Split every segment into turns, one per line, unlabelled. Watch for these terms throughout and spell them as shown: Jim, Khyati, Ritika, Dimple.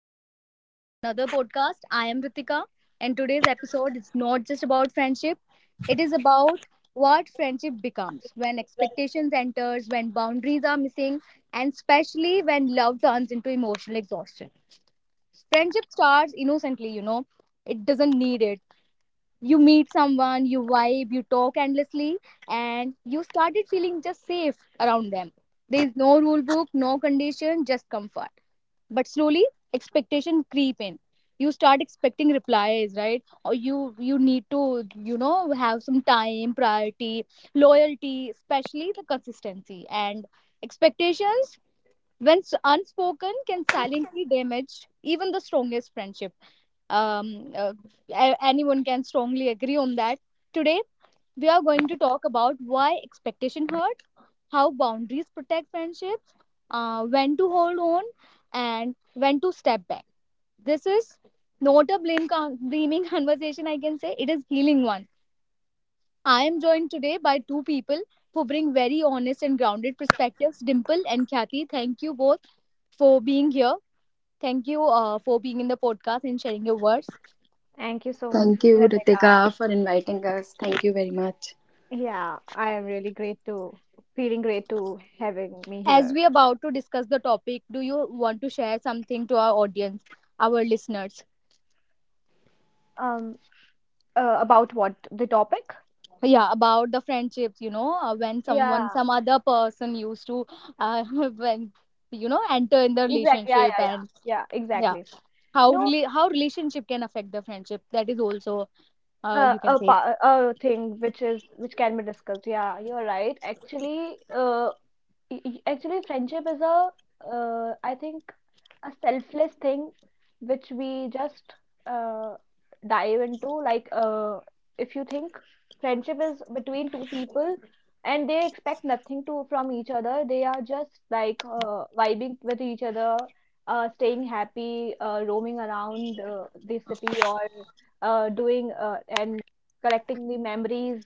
back to the another podcast. I am Ritika and today's episode is not just about friendship. It is about what friendship becomes when expectations enters, when boundaries are missing, and especially when love turns into emotional exhaustion. Friendship starts innocently, It doesn't need it. You meet someone, you vibe, you talk endlessly, and you started feeling just safe around them. There is no rule book, no condition, just comfort, but slowly expectation creep in. You start expecting replies right, or you need to have some time, priority, loyalty, especially the consistency. And expectations, when unspoken, can silently damage even the strongest friendship. um uh, Anyone can strongly agree on that. Today we are going to talk about why expectation hurt, how boundaries protect friendships, when to hold on and when to step back. This is not a blaming conversation, I can say. It is healing one. I am joined today by two people who bring very honest and grounded perspectives, Dimple and Kathy. Thank you both for being here. Thank you for being in the podcast and sharing your words.
Thank you so much,
Thank you,
Ritika.
Ritika, for inviting us. Thank you very much.
Yeah, I am really great to feeling great to having me
As
here.
we are about to discuss the topic, do you want to share something to our audience, our listeners?
Um, about what the topic?
Yeah, about the friendships, when someone,
Yeah,
some other person used to, uh, when, enter in the
exactly. Yeah,
relationship
yeah, yeah,
and
yeah,
yeah.
exactly. You know,
How relationship can affect the friendship, that is also, you can say.
a thing which can be discussed. Yeah, you're right. Actually, friendship is a I think a selfless thing which we just uh, dive into, like, if you think friendship is between two people and they expect nothing to from each other. They are just, like, vibing with each other, staying happy, roaming around, the city, or doing and collecting the memories.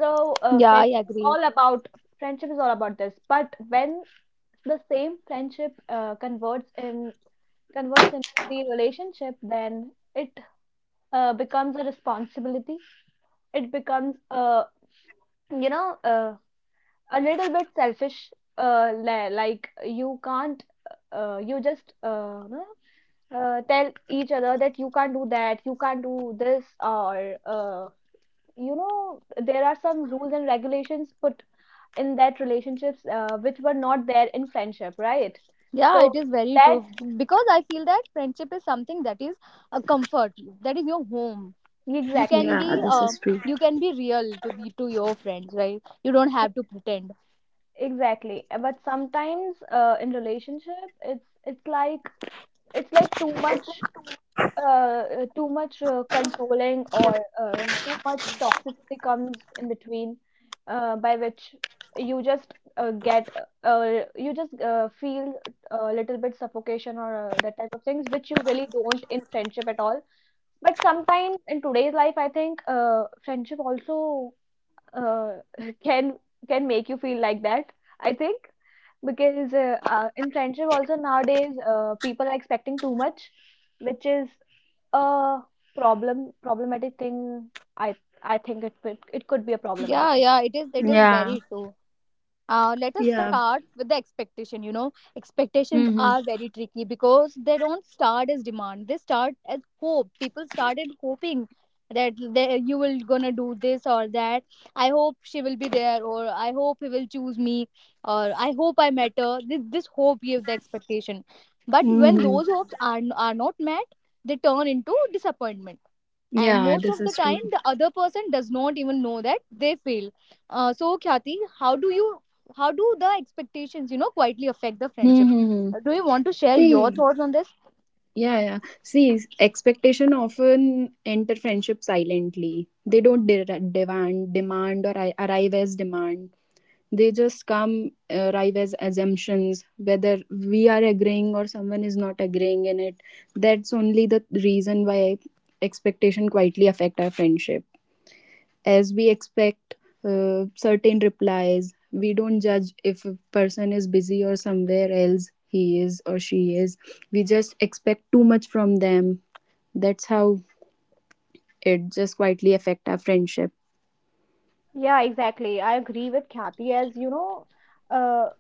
So,
Yeah, I
friendship is
agree.
all about friendship is all about this. But when the same friendship converts into the relationship, then it becomes a responsibility. It becomes a you know a little bit selfish. Like, you can't, you just no, tell each other that you can't do that, you can't do this, or, there are some rules and regulations put in that relationships, which were not there in friendship, right?
Yeah,
so
it is very
that
true. Because I feel that friendship is something that is a comfort, that is your home. You can
exactly
be
Yeah, this is true.
you can be real to the, to your friends, right? You don't
e-
have to pretend.
exactly. But sometimes, in relationship it's like too much, too much, controlling, or too much toxicity comes in between, by which you just, get you just, feel a little bit suffocation, or that type of things, which you really don't in friendship at all. But sometimes in today's life, I think friendship also uh, can can make you feel like that. I think because, in friendship also nowadays, people are expecting too much, which is a problematic thing. I I think it could be a problematic
Yeah,
thing.
yeah, it is
Yeah,
very true. Let us
yeah.
start with the expectation. You know, expectations
Mm-hmm.
are very tricky because they don't start as demand, they start as hope. People started hoping that they, you will gonna do this or that. I hope she will be there, or I hope he will choose me, or I hope I met her. This hope gives the expectation, but when
Mm-hmm.
those hopes are not met, they turn into disappointment. And
Yeah,
most
this
of the
is true.
time the other person does not even know that they fail. So Khyati, how do you, how do the expectations, quietly affect the friendship?
Mm-hmm.
Do you want to share your
See,
thoughts on this?
yeah, yeah. See, expectation often enter friendship silently. They don't demand or arrive as demand. They just come arrive as assumptions, whether we are agreeing or someone is not agreeing in it. That's only the reason why expectation quietly affect our friendship. As we expect certain replies, we don't judge if a person is busy or somewhere else he is or she is. We just expect too much from them. That's how it just quietly affect our friendship.
Yeah, exactly. I agree with Kathy. As you know, uh,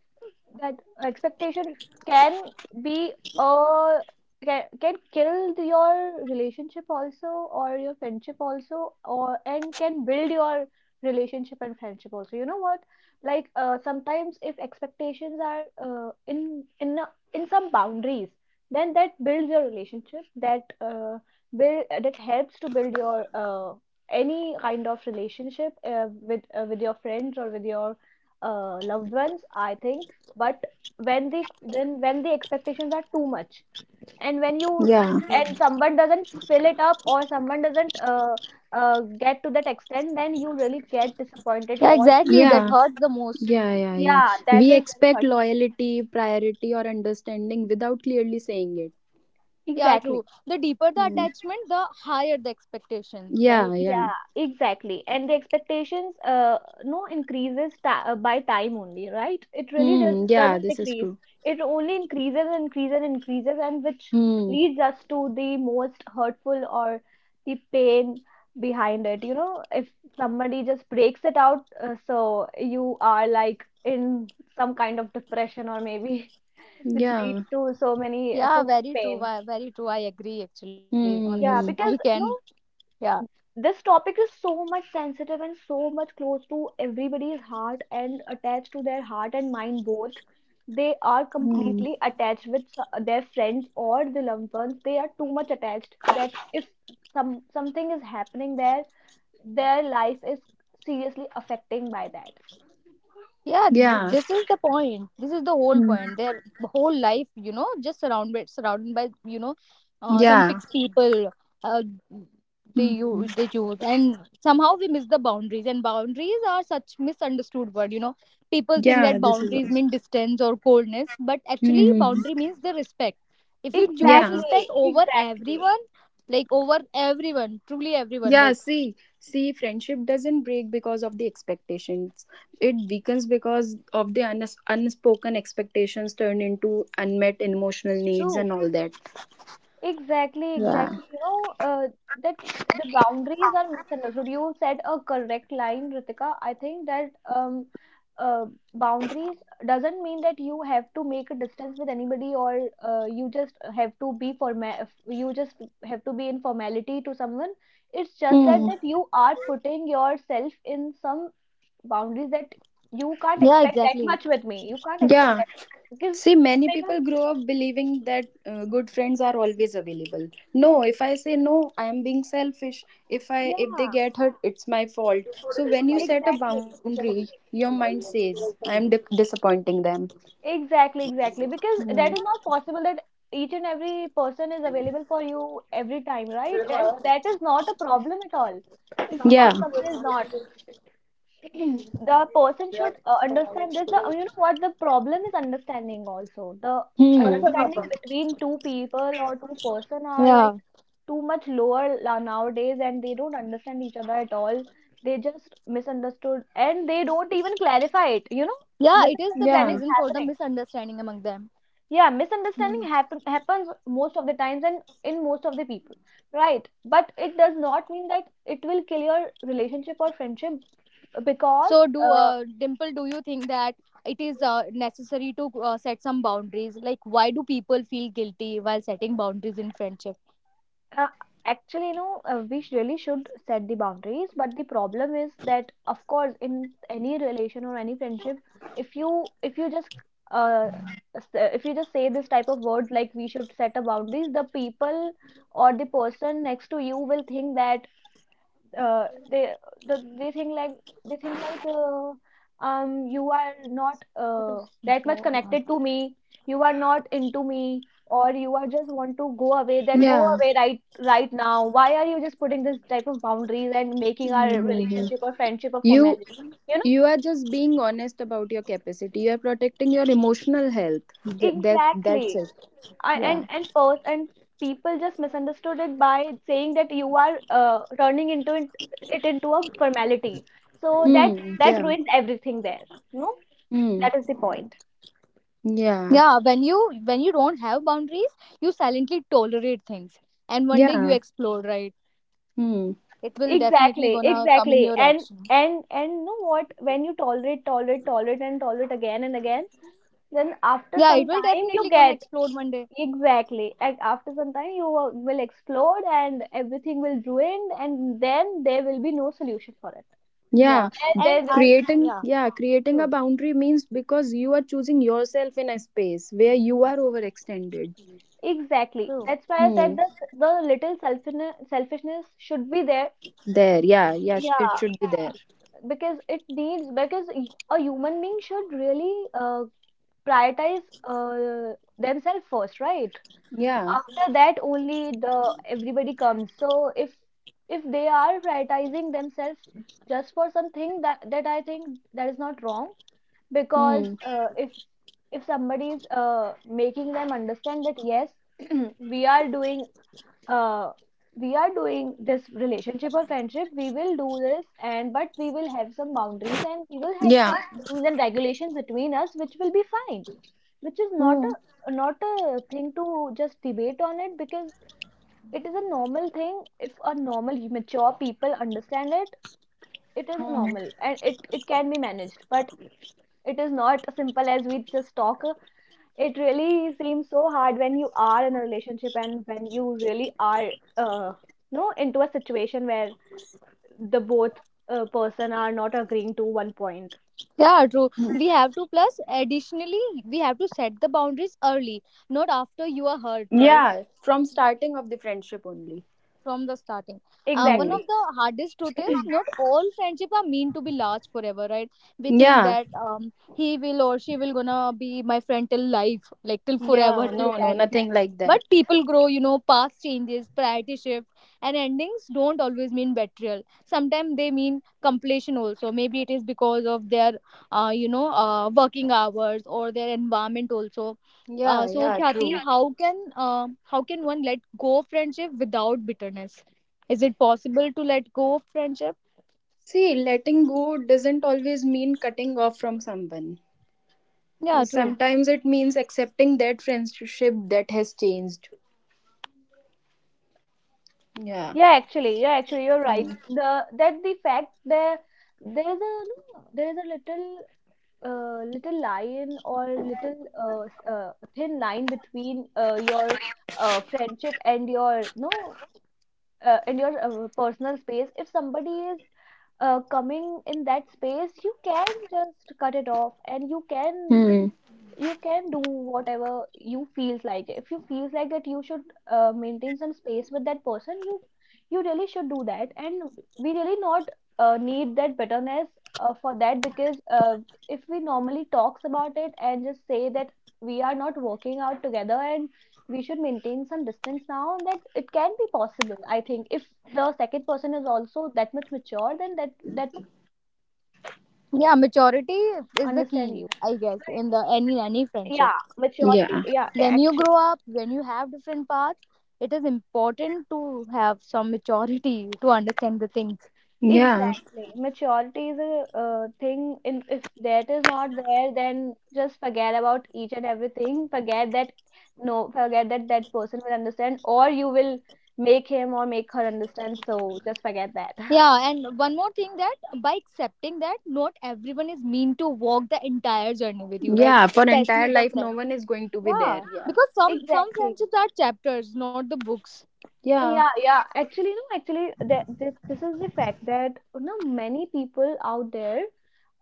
that expectation can be a can kill your relationship also, or your friendship also, or and can build your relationship and friendship also, you know what. Like, sometimes if expectations are, in some boundaries, then that builds your relationship, that, build that helps to build your, any kind of relationship, with your friends or with your, loved ones, I think. But when the expectations are too much, and when you
Yeah,
and someone doesn't fill it up, or someone doesn't, get to that extent, then you really get disappointed.
Yeah,
Or
exactly. That
yeah.
hurts the most.
Yeah, yeah, yeah.
yeah,
We
that is very
expect
hurtful.
loyalty, priority, or understanding without clearly saying it.
Yeah, true.
Exactly.
The deeper the
Hmm.
attachment, the higher the expectations,
Yeah,
right?
yeah.
Yeah, exactly. And the expectations, no, increases, ta by time only, right? It really
Hmm. Yeah,
doesn't
this is
decrease.
true.
It only increases and increases and increases, and which
Hmm.
leads us to the most hurtful, or the pain behind it. You know, if somebody just breaks it out, so you are like in some kind of depression, or maybe, which leads
Yeah.
to so many so
Yeah,
much
very true.
pain.
Very true. I agree actually on this.
Hmm, hmm,
Yeah,
I
hmm.
because
can.
no
Yeah.
this topic is so much sensitive and so much close to everybody's heart, and attached to their heart and mind both. They are
Hmm.
completely attached with their friends or the loved ones. They are too much attached that if something is happening there, their life is seriously affecting by that.
Yeah,
Yeah.
this is the point. This is the whole
Hmm.
point. Their whole life, just surrounded by, some
Yeah.
fixed people. Uh,
Hmm.
they choose, and somehow we miss the boundaries. And boundaries are such misunderstood word. You know, people think
Yeah,
that
this is
boundaries
also.
mean distance or coldness, but actually,
Hmm.
boundary means the respect. If you choose
Yeah.
respect
Exactly,
over
exactly.
everyone, like over everyone, truly everyone,
Yeah.
like,
See, see, friendship doesn't break because of the expectations. It weakens because of the unspoken expectations turn into unmet emotional
it's
needs and
true.
all that.
Exactly,
Yeah.
exactly. You know, the boundaries are misunderstood. You said a correct line, Ritika. I think that, uh, boundaries doesn't mean that you have to make a distance with anybody, or, you just have to be formal. You just have to be in formality to someone. It's just that
Hmm.
that you are putting yourself in some boundaries, that you can't
Yeah,
expect that
exactly.
much with me. You can't expect
Yeah.
that because
See, many
because
people grow up believing that good friends are always available. No, if I say no, I am being selfish. If I if they
yeah,
get hurt, it's my fault. So when you set a
exactly.
boundary, your mind says, I am disappointing them.
Exactly, exactly. Because
Hmm.
that is not possible that each and every person is available for you every time, right? And that is not a problem at all. If
Yeah.
someone is not, the person should understand this. The, you know what the problem is, understanding also. The
Hmm.
understanding between two people or two-person are
Yeah.
like too much nowadays, and they don't understand each other at all. They just misunderstood, and they don't even clarify it. You know,
Yeah, it is the big
misunderstanding
Yeah.
is
reason for the
happening.
misunderstanding among them.
Yeah, misunderstanding
Hmm.
happens most of the times and in most of the people, right? But it does not mean that it will kill your relationship or friendship, because
So do,
uh,
Dimple, do you think that it is necessary to set some boundaries? Like, why do people feel guilty while setting boundaries in friendship?
uh, actually, you know, really should set the boundaries. But the problem is that of course in any relation or any friendship, if you just, uh, if you just say this type of word, like we should set a boundaries, the people or the person next to you will think that, uh, they they think like, they think like uh, you are not, that much connected to me. You are not into me, or you are just want to go away, then go
Yeah.
away, right, right now. Why are you just putting this type of boundaries and making our
Hmm.
relationship or friendship a
You
formality? You
you are just being honest about your capacity. You are protecting your emotional health.
know,
That that's
exactly.
it.
I
Yeah.
and pers and people just misunderstood it by saying that you are, it into a formality. So that
Hmm.
that
Yeah.
ruins everything there. No,
Hmm.
that is the point.
Yeah,
Yeah, when you, when you don't have boundaries, you silently tolerate things, and one day you
yeah,
explode, right?
hmm,
It will definitely
Exactly,
gonna come in
exactly.
your action.
And you know what? When you tolerate, tolerate, tolerate, and tolerate again and again, then after
Yeah, it
some
will
time you
definitely gonna
get
explode one day.
exactly. And after some time you will explode, and everything will ruin, and then there will be no solution for it.
yeah.
Yeah. And
There
I,
Creating,
yeah,
yeah, creating a
true,
boundary means because you are choosing yourself in a space where you are overextended.
Exactly.
true.
That's why I
Hmm.
said that the little selfishness should be there.
There, yeah, yeah, it
Yeah,
should be there.
because it needs because a human being should really, prioritize, themselves first, right?
Yeah,
After that, only the everybody comes. So if they are prioritizing themselves just for something, that that I think that is not wrong, because,
hmm,
if somebody is, making them understand that yes, we are doing, uh, we are doing this relationship or friendship, we will do this, and but we will have some boundaries, and we will have
yeah,
some rules and regulations between us, which will be fine. Which is
hmm,
not a thing to just debate on it, because it is a normal thing. If a normal mature people understand it, it is
hmm.
normal, and it can be managed. But it is not simple as we just talk. It really seems so hard when you are in a relationship, and when you really are, uh, no, into a situation where the both, person are not agreeing to one point.
Yeah, true. We have to, plus, additionally, we have to set the boundaries early, not after you are hurt, right?
Yeah, from starting of the friendship only.
From the starting. One
Hmm.
of
Exactly.
the hardest truth is not all friendship are meant to be large forever, right? We think
Yeah,
that he will or she will gonna be my friend till life, like till forever,
yeah,
till
no, no,
eternity.
nothing like
But
that.
people grow, you know, past changes, priority shift, and endings don't always mean betrayal. Sometimes they mean completion. Also maybe it is because of their working hours or their environment also.
Yeah,
So
yeah, true.
Khyati, how can, how can one let go of friendship without bitterness? Is it possible to let go of friendship?
See, letting go doesn't always mean cutting off from someone.
Yeah, true.
Sometimes it means accepting that friendship that has changed. Yeah.
Yeah, actually, you're right.
Hmm.
The That the fact there is a no, there is a little, little line or little, thin line between, your, friendship and your no and your, personal space. If somebody is, coming in that space, you can just cut it off, and
Hmm.
you can do whatever you feels like. If you feels like that you should, maintain some space with that person, you really should do that. And we really not, need that bitterness, for that, because, if we normally talks about it and just say that we are not working out together, and we should maintain some distance now, that it can be possible, I think. If the second person is also that much mature, then that that person will of course
Yeah,
understand you.
maturity is the key, I guess, in the any
Yeah,
any friendship.
maturity. Yeah,
Yeah.
actually,
When you grow up, when you have different paths, it is important to have some maturity to understand the things.
Yeah.
exactly. Maturity is a, thing in. If that is not there, then just forget about each and everything. Forget that no, forget that that person will understand, or you will make him or make her understand. So just forget that.
Yeah, and one more thing, that by accepting that not everyone is mean to walk the entire journey with you, right?
Yeah. For
Especially
entire
the
life, no
friend.
one is going to be there.
Yeah,
Yeah.
because some
Exactly.
friendships are chapters, not the books.
Yeah.
Yeah, yeah. Actually, no, actually, this is the fact that you know many people out there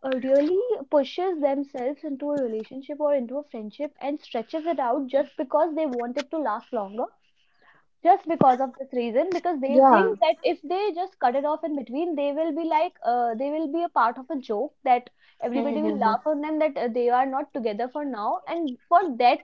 really pushes themselves into a relationship or into a friendship and stretches it out just because they want it to last longer, just because of this reason, because they
Yeah.
think that if they just cut it off in between they will be like they will be a part of a joke that everybody will
Mm-hmm.
laugh on them that they are not together for now, and for that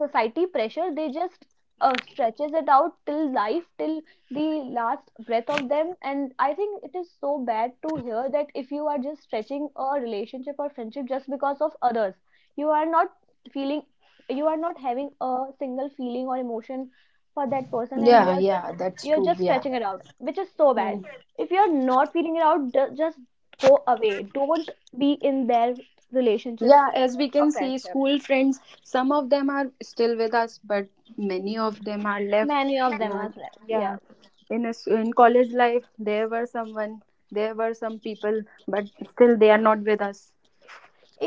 society pressure they just stretches it out till life, till the last breath of them. And I think it is so bad to hear that if you are just stretching a relationship or friendship just because of others, you are not feeling, you are not having a single feeling or emotion for that person, and you
Yeah.
are
Yeah.
just,
That's
you're
true.
just
Yeah.
stretching it out, which is so bad.
Hmm.
If you're not feeling it out, just go away, don't be in their relationship
Yeah. As we
or
can see,
friendship.
school friends, some of them are still with us, but many of them are left.
Many of them
Uh,
are left,
yeah.
yes,
In a, in college life, there were someone, there were some people, but still they are not with us.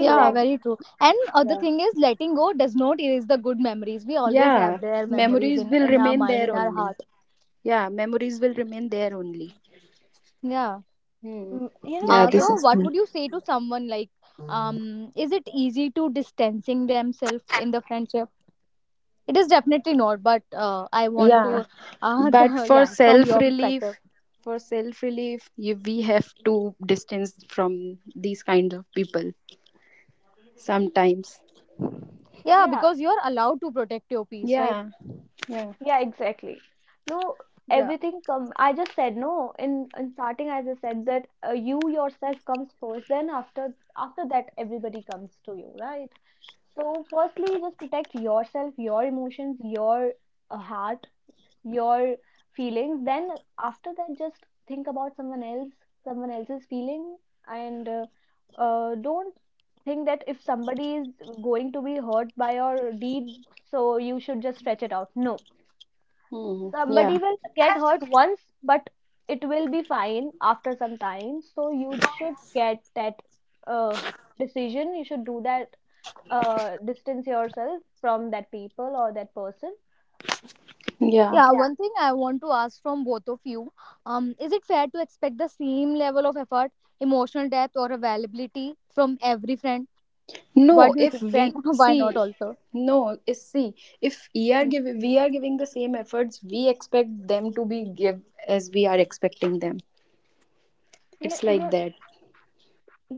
Yeah, very true. And the
yeah.
thing is, letting go does not erase the good memories. We always have
Yeah,
their memories
memories
in
will
in our
remain
mind,
there
in our
only.
heart.
Yeah, memories will remain there only.
Yeah.
Hmm.
You
Yeah,
know,
this
So
is
what
true.
would you say to someone like, is it easy to distancing themselves in the friendship? It is definitely not, but I want
Yeah,
to,
but
the yeah, from your perspective.
for self relief, you we have to distance from these kinds of people sometimes.
Yeah,
yeah.
because you are allowed to protect your peace, right?
Yeah, yeah,
Yeah, exactly. No,
Yeah.
everything come. I just said no in starting. I just said that you yourself comes first. Then after, after that, everybody comes to you, right? So firstly, just protect yourself, your emotions, your heart, your feelings. Then after that, just think about someone else, someone else's feeling, and don't think that if somebody is going to be hurt by your deed, so you should just stretch it out. No,
hmm,
somebody
yeah,
will get hurt once, but it will be fine after some time. So you should get that uh, decision. You should do that. Distance yourself from that people or that person.
yeah.
Yeah,
Yeah.
one thing I want to ask from both of you, is it fair to expect the same level of effort, emotional depth, or availability from every friend? What
No,
do you
if
think, friend?
we
Why not
see,
also?
no, is see, if we are
Mm.
giving we are giving the same efforts, we expect them to be give as we are expecting them.
Yeah,
It's like
yeah,
that.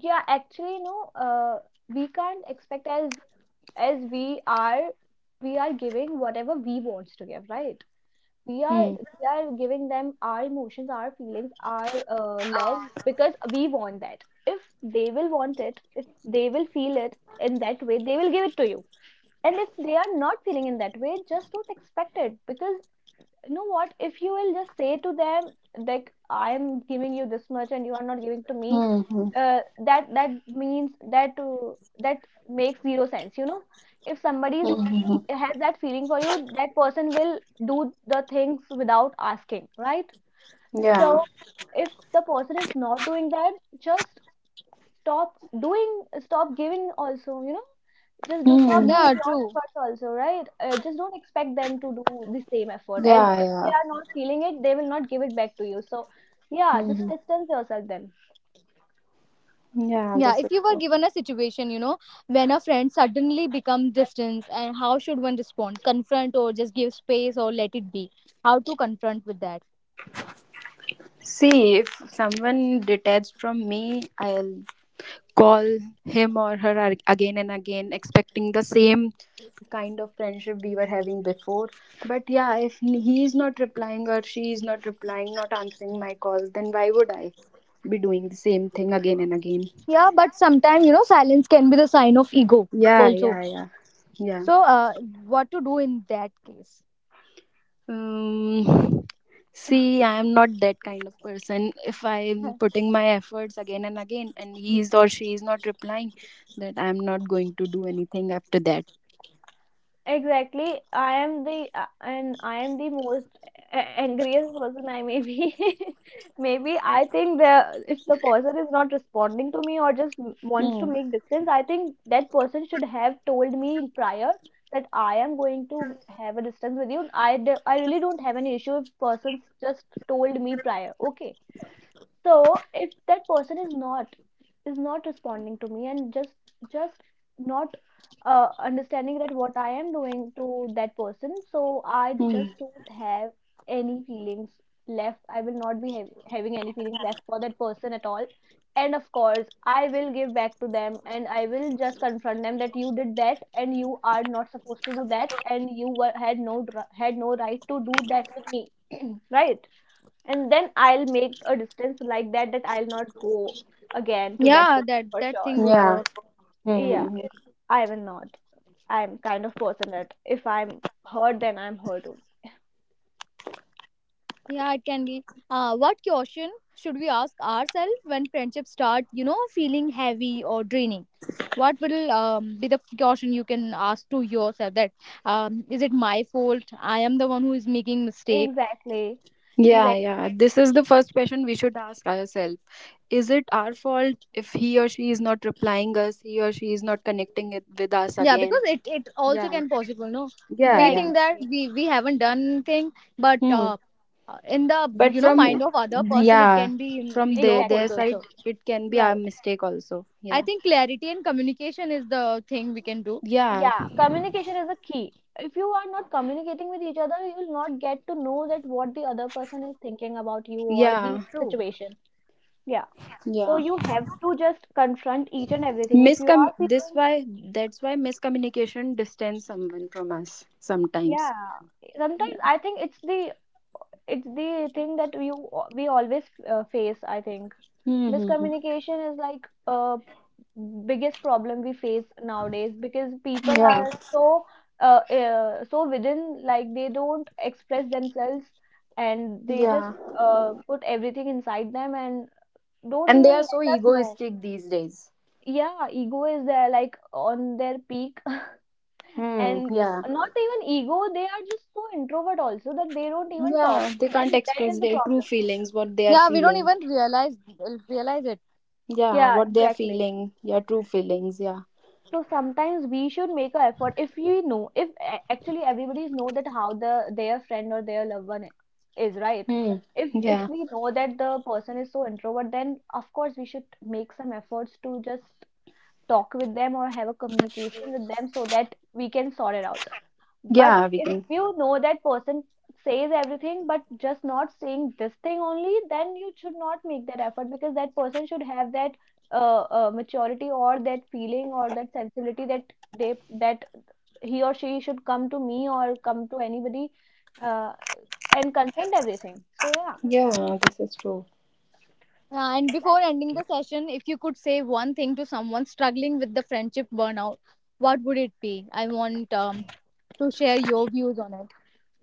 yeah, actually, no, we can't expect as we are, we are giving whatever we wants to give, right? we are
Hmm.
we are giving them our emotions, our feelings, our love, because we want that if they will want it, if they will feel it in that way, they will give it to you. And if they are not feeling in that way, just don't expect it. Because you know what? If you will just say to them, like, I'm giving you this much and you are not giving to me,
Hmm. Hmm.
uh, that means that that makes zero sense, you know? If somebody is-
Hmm. Hmm, hmm.
Has that feeling for you, that person will do the things without asking, right?
Yeah.
So if the person is not doing that, just stop doing, stop giving also, you know? Just do stop
Hmm.
doing
Yeah,
your
true.
efforts also, right? Just don't expect them to do the same effort, as
Yeah.
if they
Yeah.
are not feeling it they will not give it back to you. So yeah, just
Hmm.
distance yourself then.
Hmm. Yeah.
Yeah,
This
if
is
you were
true.
given a situation, you know, when a friend suddenly becomes distant, and how should one respond? Confront, or just give space, or let it be? How to confront with that?
See, if someone detached from me, I'll call him or her again and again, expecting the same kind of friendship we were having before. But yeah, if he is not replying or she is not replying, not answering my calls, then why would I be doing the same thing again and again?
Yeah, but sometimes, you know, silence can be the sign of ego
Yeah,
also.
yeah, yeah, yeah.
So, what to do in that case?
Um, see, I am not that kind of person. If I am putting my efforts again and again, and he is or she is not replying, that I am not going to do anything after that.
Exactly. I am the and I am the most angriest person I may be. Maybe I think the if the person is not responding to me or just wants to
Hmm.
make distance, I think that person should have told me prior that I am going to have a distance with you. I really don't have any issue if person's just told me prior. Okay, so if that person is not, is not responding to me and just not understanding that what I am doing to that person, so I
Hmm.
just don't have any feelings left. I will not be having any feelings left for that person at all. And of course I will give back to them, and I will just confront them that you did that, and you are not supposed to do that, and you were, had no had no right to do that with me, right? And then I'll make a distance like that, that I'll not go again to that
Yeah,
person
that
for
that
sure.
thing would
Yeah.
work.
Yeah,
Hmm.
I will not. I'm kind of person that if I'm hurt, then I'm hurt. Only.
Yeah, it can be. What question should we ask ourselves when friendships start, you know, feeling heavy or draining? What will be the question you can ask to yourself that, is it my fault? I am the one who is making mistake.
Exactly,
Yeah,
exactly.
yeah. This is the first question we should ask ourselves. Is it our fault if he or she is not replying us, he or she is not connecting it with us
Yeah, because
again?
it also
Yeah,
can possible. No,
yeah,
Yeah,
we
yeah.
think that
exactly,
we haven't done thing, but
Hmm.
in the,
But
you know, mind
from
of other person, it
yeah,
can be, you know,
from
your
exactly,
their
fault
side,
also.
exactly.
it can be our
Right.
mistake also.
I
Yeah,
think clarity and communication is the thing we can do.
yeah,
Yeah, communication is a key. If you are not communicating with each other, you will not get to know that what the other person is thinking about you or the
yeah,
True.
situation. Yeah. So
yeah.
you have to just confront each and everything. If you
Miscom.
are
This
feeling.
why that's why miscommunication distance someone from us
Yeah,
sometimes. Yeah.
sometimes I think it's the, it's the thing that you we always face, I think.
Mm-hmm.
Miscommunication is like biggest problem we face nowadays, because people
Yeah.
are so so within, like, they don't express themselves, and they just
Yeah.
put everything inside them and don't
And they
even
are so
let us know.
egoistic these days.
Yeah, ego is there like on their peak,
Hmm.
and
Yeah.
not even ego, they are just so introvert also that they don't even talk,
Yeah. They can't
and that is
express
the
their true
problem.
Yeah, we don't
feelings,
even
what they are
realize
feeling.
realize it.
Yeah.
Yeah,
What they are
exactly.
feeling. Yeah. True feelings. Yeah.
So sometimes we should make an effort if we know, if actually everybody's know that how the their friend or their loved one is, right?
Hmm.
If
Yeah.
we know that the person is so introvert, then of course we should make some efforts to just talk with them or have a communication with them so that we can sort it out. But
Yeah. We
if
can.
you know that person says everything but just not saying this thing only, then you should not make that effort, because that person should have that maturity or that feeling or that sensibility that they that he or she should come to me or come to anybody uh, and confront everything. So yeah,
Yeah. This is true.
Yeah, and before
exactly.
ending the session, if you could say one thing to someone struggling with the friendship burnout, what would it be? I want to share your views on it.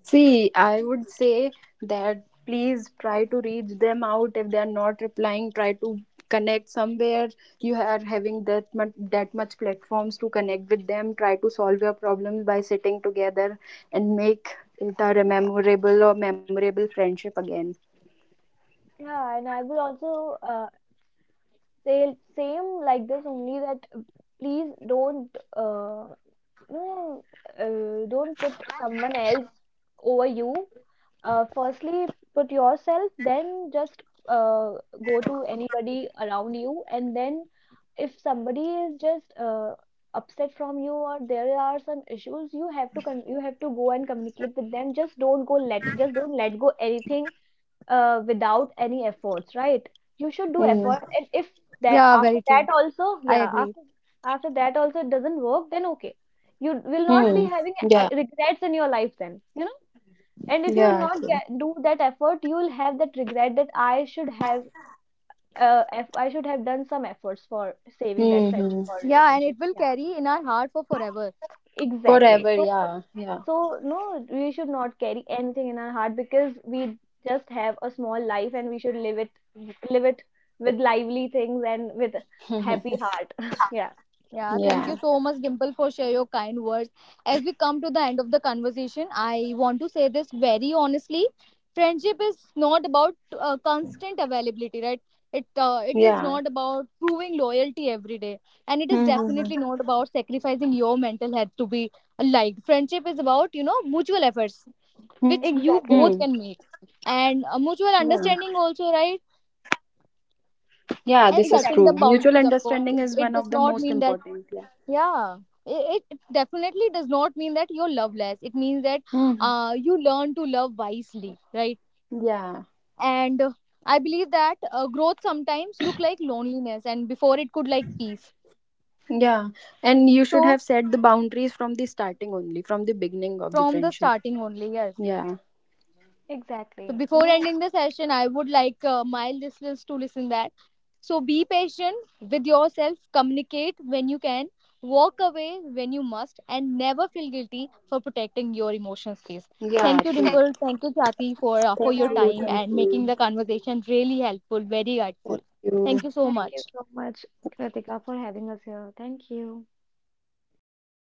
See, I would say that please try to reach them out if they are not replying. Try to connect somewhere. You are having that much that much platforms to connect with them. Try to solve your problems by sitting together and make it a memorable or memorable friendship again.
Yeah, and I would also say same like this only, that please don't no, don't put someone else over you. Firstly, put yourself, then just uh, go to anybody around you. And then, if somebody is just upset from you or there are some issues, you have to con you have to go and communicate with them. Just don't go let just don't let go anything without any efforts, right? You should do
Hmm.
Yeah,
effort,
very
and if
true.
that
I
after that
agree.
also, yeah, after, after that also it doesn't work, then okay, you will not be
Hmm.
having
Yeah.
regrets in your life then, you know. And if you will
Yeah.
not
True.
get, do that effort, you will have that regret that I should have, eff I should have done some efforts for saving that
Yeah, and
friendship
it
Hmm.
or
will carry
relationship.
in our
Yeah,
heart for forever.
exactly.
Forever.
So,
Yeah. Yeah.
so, no, we should not carry anything in our heart, because we just have a small life and we should live it with lively things and with happy heart. Yeah,
Yeah, thank you
Yeah.
so much, Dimple, for share your kind words. As we come to the end of the conversation, I want to say this very honestly. Friendship is not about constant availability, right? It, it is
Yeah.
not about proving loyalty every day, and it is
Hmm. Hmm.
definitely not about sacrificing your mental health to be liked. Friendship is about, you know, mutual efforts which you
Hmm.
exactly,
both can make, and mutual
Yeah.
understanding also, right?
Yeah,
And
this is
setting the
true.
exactly,
Mutual
boundaries, of course.
understanding
It,
is
it
one
does
of the
not
most
mean that,
important. Yeah.
yeah, it definitely does not mean that you're loveless. It means that
Hmm.
you learn to love wisely, right?
Yeah.
And I believe that growth sometimes look like loneliness and before it could like peace.
Yeah. And you should
So
have set the boundaries from the starting only, from the beginning of the
from the
friendship.
starting only, yes.
Yeah.
So
exactly. You
before
know,
ending the session, I would like my listeners to listen that. So be patient with yourself, communicate when you can, walk away when you must, and never feel guilty for protecting your emotional space.
Yeah,
Thank you,
true.
Dimple. Thank you, Chati, for your
Thank
thank
you.
time
Thank
you.
and making the
you.
conversation really helpful, very helpful.
Thank
Thank
you.
you so
Thank you
much.
so much, Kritika, for having us here. Thank you.